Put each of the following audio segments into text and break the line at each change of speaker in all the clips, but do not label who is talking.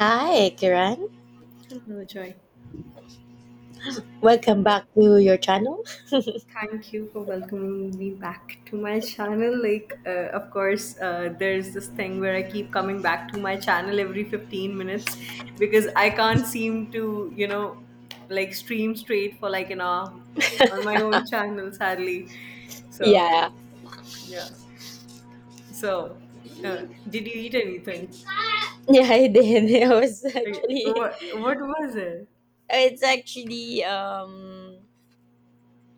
Hi, Kiran.
Hello, Joy.
Welcome
Yeah.
back to your channel.
Thank you for welcoming me back to my channel. Of course, there's this thing where I keep coming back to my channel every 15 minutes because I can't seem to, like stream straight for like an hour on my own channel, sadly. So,
Yeah,
yeah. So, uh, did you eat anything?
yeah, I did. It was
Like,
actually,
what was it?
it's actually um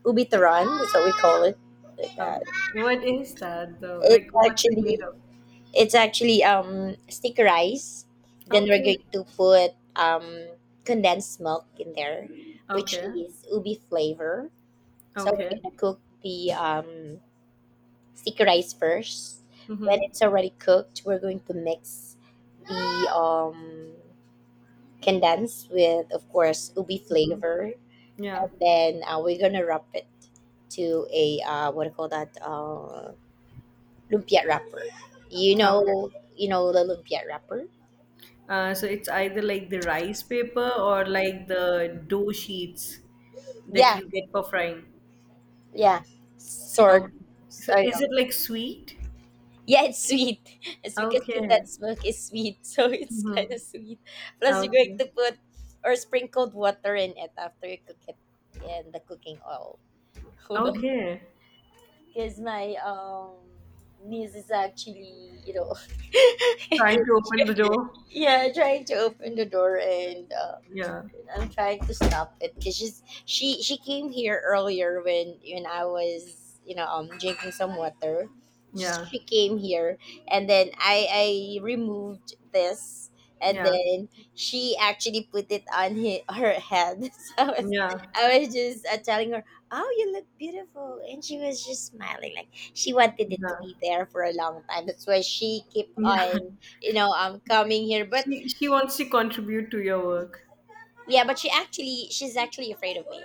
ubitaran. That's what we call it, like that.
Okay. What is that though?
It's
Like, what's it made
actually,
of?
it's actually stick rice. Then we're
Okay.
going to put condensed milk in there, which
Okay.
is ubi flavor. So we're
Okay.
gonna cook the sticky rice first. When
Mm-hmm.
it's already cooked, we're going to mix the condensed with, of course, ubi flavor,
Yeah.
and then we're gonna wrap it to a what do you call that lumpia wrapper. You
Okay.
know, you know the lumpia wrapper.
So it's either like the rice paper or like the dough sheets that
Yeah,
you get for frying.
yeah, sort.
Okay. So
Sorry.
is it like sweet?
Yeah, it's sweet. It's because
Okay.
condensed milk is sweet, so it's kind
Mm-hmm.
of sweet. Plus, you're going
Okay.
to put or sprinkled water in it after you cook it and the cooking oil. Hold on,
Okay.
because my niece is actually
Trying to open the door.
yeah, trying to open the door and
Yeah.
I'm trying to stop it because she came here earlier when I was drinking some water. She,
Yeah.
she came here and then I removed this, and
Yeah.
then she actually put it on her head. So
Yeah.
I was just telling her, "Oh, you look beautiful," and she was just smiling like she wanted it
Yeah.
to be there for a long time. That's why she keep
Yeah.
on coming here, but
She wants to contribute to your work.
yeah, but she's actually afraid of me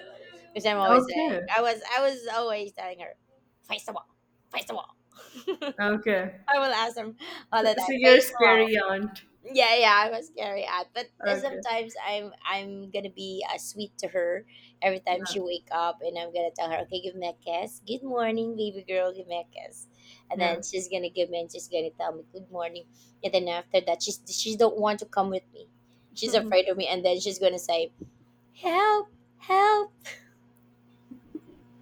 because I'm always like
Okay.
I was always telling her, "Face the wall, face the wall."
Okay.
I will ask them all
So,
the
so
time,
you're a
"Face the wall."
scary aunt.
Yeah, yeah, I was scary at, but
Okay.
sometimes I'm gonna be sweet to her every time
Yeah.
she wake up, and I'm gonna tell her, "Okay, give me a kiss. Good morning, baby girl. Give me a kiss." And
Yeah.
then she's gonna give me, and she's gonna tell me good morning, and then after that she don't want to come with me. She's afraid of me, and then she's gonna say, "Help! Help!"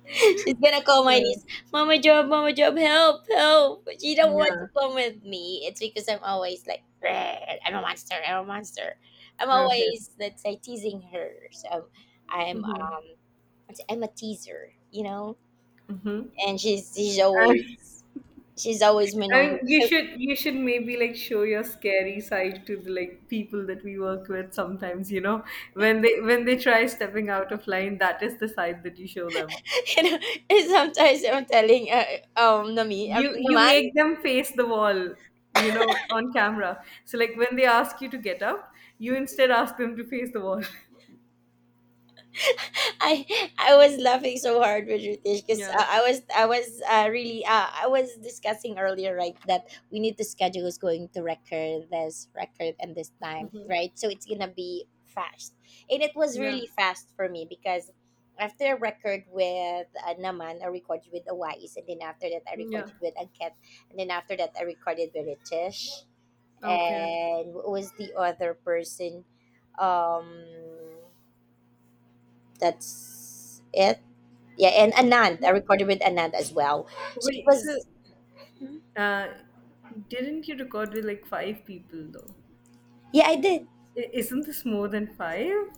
She's gonna call my
So,
niece. "Mama Job, Mama Job, help, help." But she don't want to
yeah.
come with me. It's because I'm always like, "Rrr, I'm a monster, I'm a monster." I'm
Okay.
always, let's say, teasing her. So I'm,
Mhm.
um, I'm a teaser, you know?
Mhm.
And
I
she's always my
I
number
mean,
one.
you should maybe like show your scary side to the like people that we work with sometimes. When they try stepping out of line, that is the side that you show them.
You know, and sometimes I'm telling, Nami, I
You
mean,
you
Naman.
make them face the wall, you know, on camera. So like when they ask you to get up, you instead ask them to face the wall.
I I was laughing so hard with Ritesh because
Yeah.
I was really I was discussing earlier, right, that we need to schedule who's going to record this record and this time, right, so it's gonna be fast, and it was
Yeah.
really fast for me because after I record with Naman, I recorded with Awais, and then after that I
Yeah.
recorded with Anket, and then after that I recorded with Ritesh,
Okay.
and what was the other person um that's it. Yeah, and Anand. I
Yeah.
recorded with Anand as well. So it
Wait, so
was,
Uh, didn't you record with like five people though?
yeah, I did.
I- isn't this more than five?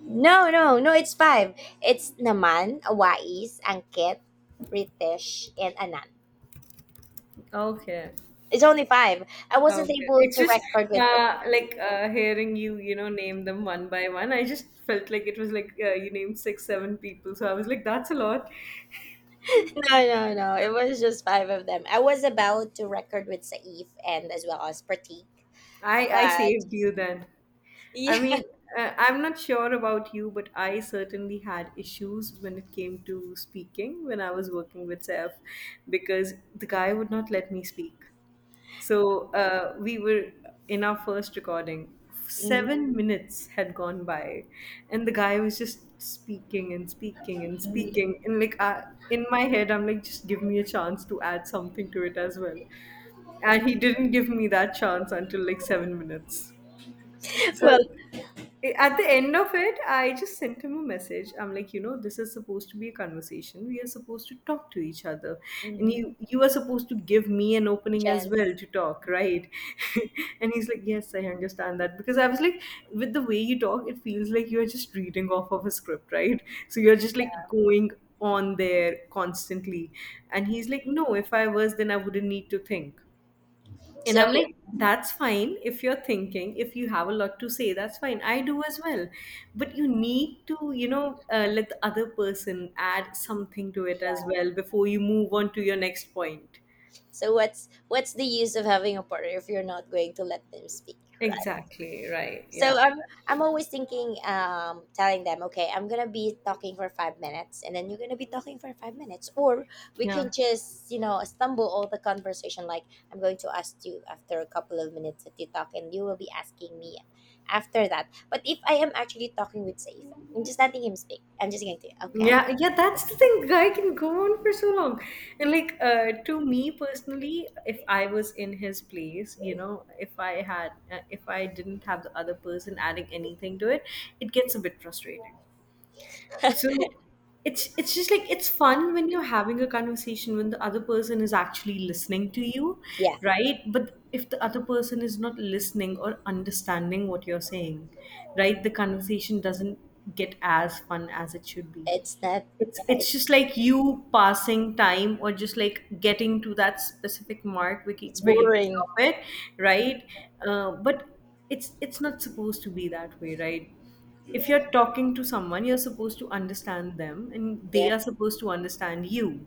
No, no, no, it's five. It's Naman, Awais, Angket, Ritesh, and Anand.
Okay.
It's only five. I wasn't
Okay.
able
It's
to
just
record with
like hearing you, you know, name them one by one. I just felt like it was like you named six, seven people. So I was like, that's a lot.
no, no, no. It was just five of them. I was about to record with Saif and as well as Pratik.
I
But
saved you then. I
yeah.
mean, I'm not sure about you, but I certainly had issues when it came to speaking when I was working with Seth because the guy would not let me speak. So we were in our first recording. 7 minutes had gone by, and the guy was just speaking and speaking and
Mhm.
speaking. And in my head, I'm like, just give me a chance to add something to it as well. And he didn't give me that chance until like 7 minutes. So
Well,
I- at the end of it, I just sent him a message. I'm like, you know, this is supposed to be a conversation. We are supposed to talk to each other, and
mhm.
you are supposed to give me an opening as well
Chance.
to talk,
Yeah.
right? And he's like, yes, I understand that because I was like, with the way you talk, it feels like you are just reading off of a script, right? So you're just like
Yeah.
going on there constantly, and he's like, no, if I was, then I wouldn't need to think. And
So
I'm like, that's fine if you're thinking, if you have a lot to say, that's fine. I do as well. But you need to, you know, let the other person add something to it
yeah.
as well before you move on to your next point.
So what's the use of having a partner if you're not going to let them speak, right?
Exactly, right. Yeah,
So
that's
I'm
true.
always thinking, telling them, "Okay, I'm gonna be talking for 5 minutes, and then you're gonna be talking for 5 minutes, or we can
Yeah.
just, you know, stumble all the conversation." Like, I'm going to ask you after a couple of minutes that you talk, and you will be asking me after that. But if I am actually talking with Saif, I'm just letting him speak. I'm just going to okay.
Yeah, yeah, that's the thing. Guy can go on for so long. And like to me personally, if I was in his place, you know, if I had if I didn't have the other person adding anything to it, it gets a bit frustrating. So it's just like it's fun when you're having a conversation when the other person is actually listening to you,
Yeah,
right? But if the other person is not listening or understanding what you're saying, right, the conversation doesn't get as fun as it should be.
it's not.
It's
Yeah,
it's just like you passing time or just like getting to that specific mark where you
it's
where you can
boring,
drop it, right? But it's not supposed to be that way, right? If you're talking to someone you're supposed to understand them and they
yeah.
are supposed to understand you.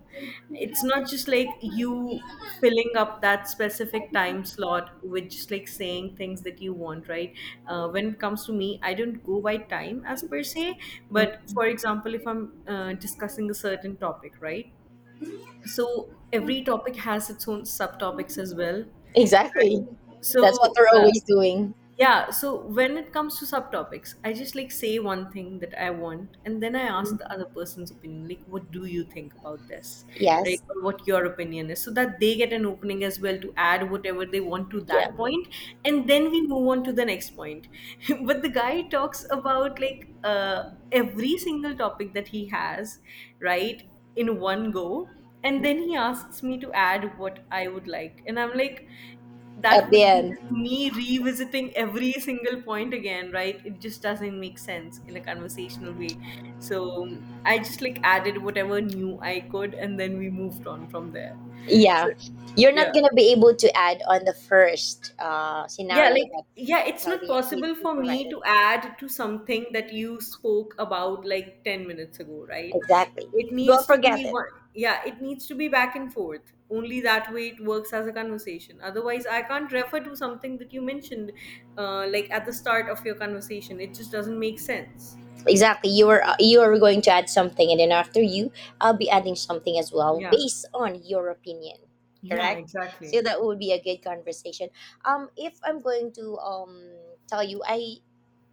It's not just like you filling up that specific time slot with just like saying things that you want, right? When it comes to me I don't go by time as per se, but for example if i'm discussing a certain topic, right, so every topic has its own subtopics as well, right.
Exactly. That's what
so
they're
uh,
always doing.
yeah, so when it comes to subtopics, I just like say one thing that I want, and then I ask the other person's opinion, like, what do you think about this, right?
Yes.
Or what your opinion is, so that they get an opening as well to add whatever they want to
Yeah.
that point, and then we move on to the next point. But the guy talks about every single topic that he has, right, in one go, and then he asks me to add what I would like, and I'm like
At
that
the
would be
end.
just me revisiting every single point again, right, it just doesn't make sense in a conversational way. So I just like added whatever new I could and then we moved on from there, so
Yeah. You're
yeah.
not going to be able to add on the first
Yeah,
scenario
like,
that
yeah, it's
you
not
the,
possible
he
for me
provided.
to add to something that you spoke about like 10 minutes ago, right?
Exactly.
It
You will
needs to
forget
be
it.
one, yeah, it needs to be back and forth. Only that way it works as a conversation. Otherwise, I can't refer to something that you mentioned, like at the start of your conversation. It just doesn't make sense.
Exactly. You are going to add something, and then after you, I'll be adding something as well
Yeah,
based on your opinion.
yeah,
Correct. So
exactly.
that would be a good conversation. If I'm going to tell you,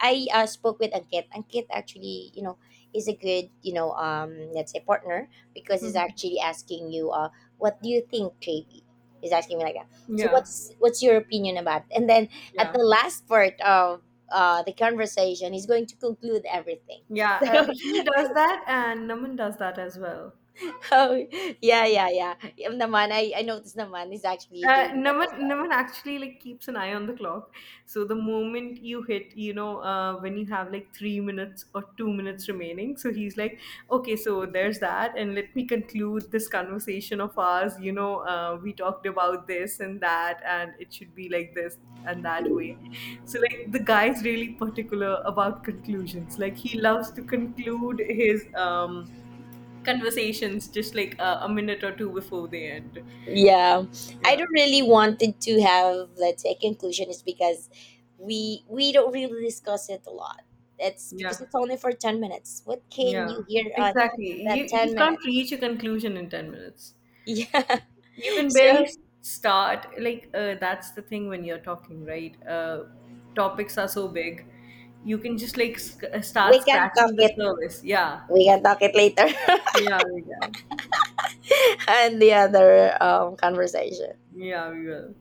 I spoke with Ankit. Ankit actually, you know, is a good, you know, let's say partner because he's actually asking you, "What do you think, JB?" He's asking me like that. So
Yeah,
what's your opinion about it? And then at the
yeah,
last part of the conversation, he's going to conclude everything.
yeah. He does that, and Naman does that as well.
So, oh, yeah, yeah, yeah. Yun Naman, I noticed naman he's actually doing that as well.
Naman actually like keeps an eye on the clock. So the moment you hit, you know, when you have like 3 minutes or 2 minutes remaining, so he's like, okay, so there's that, and let me conclude this conversation of ours. You know, we talked about this and that, and it should be like this and that way. So like the guy's really particular about conclusions. Like he loves to conclude his conversations just like a minute or two before they end.
Yeah. I
Yeah,
don't really wanted to have, let's say, a conclusion is because we don't really discuss it a lot. It's because
yeah.
it's only for 10 minutes. What can
Yeah,
you hear on
exactly.
that
You
10
can't
minutes?
reach a conclusion in 10 minutes.
Yeah.
You can barely
So
s- start. That's the thing when you're talking, right? Topics are so big. You can just like sc-
we
start
can talk
scratching the
it.
surface. Yeah.
We can talk it later
Yeah, we can.
and the other conversation.
Yeah, we will.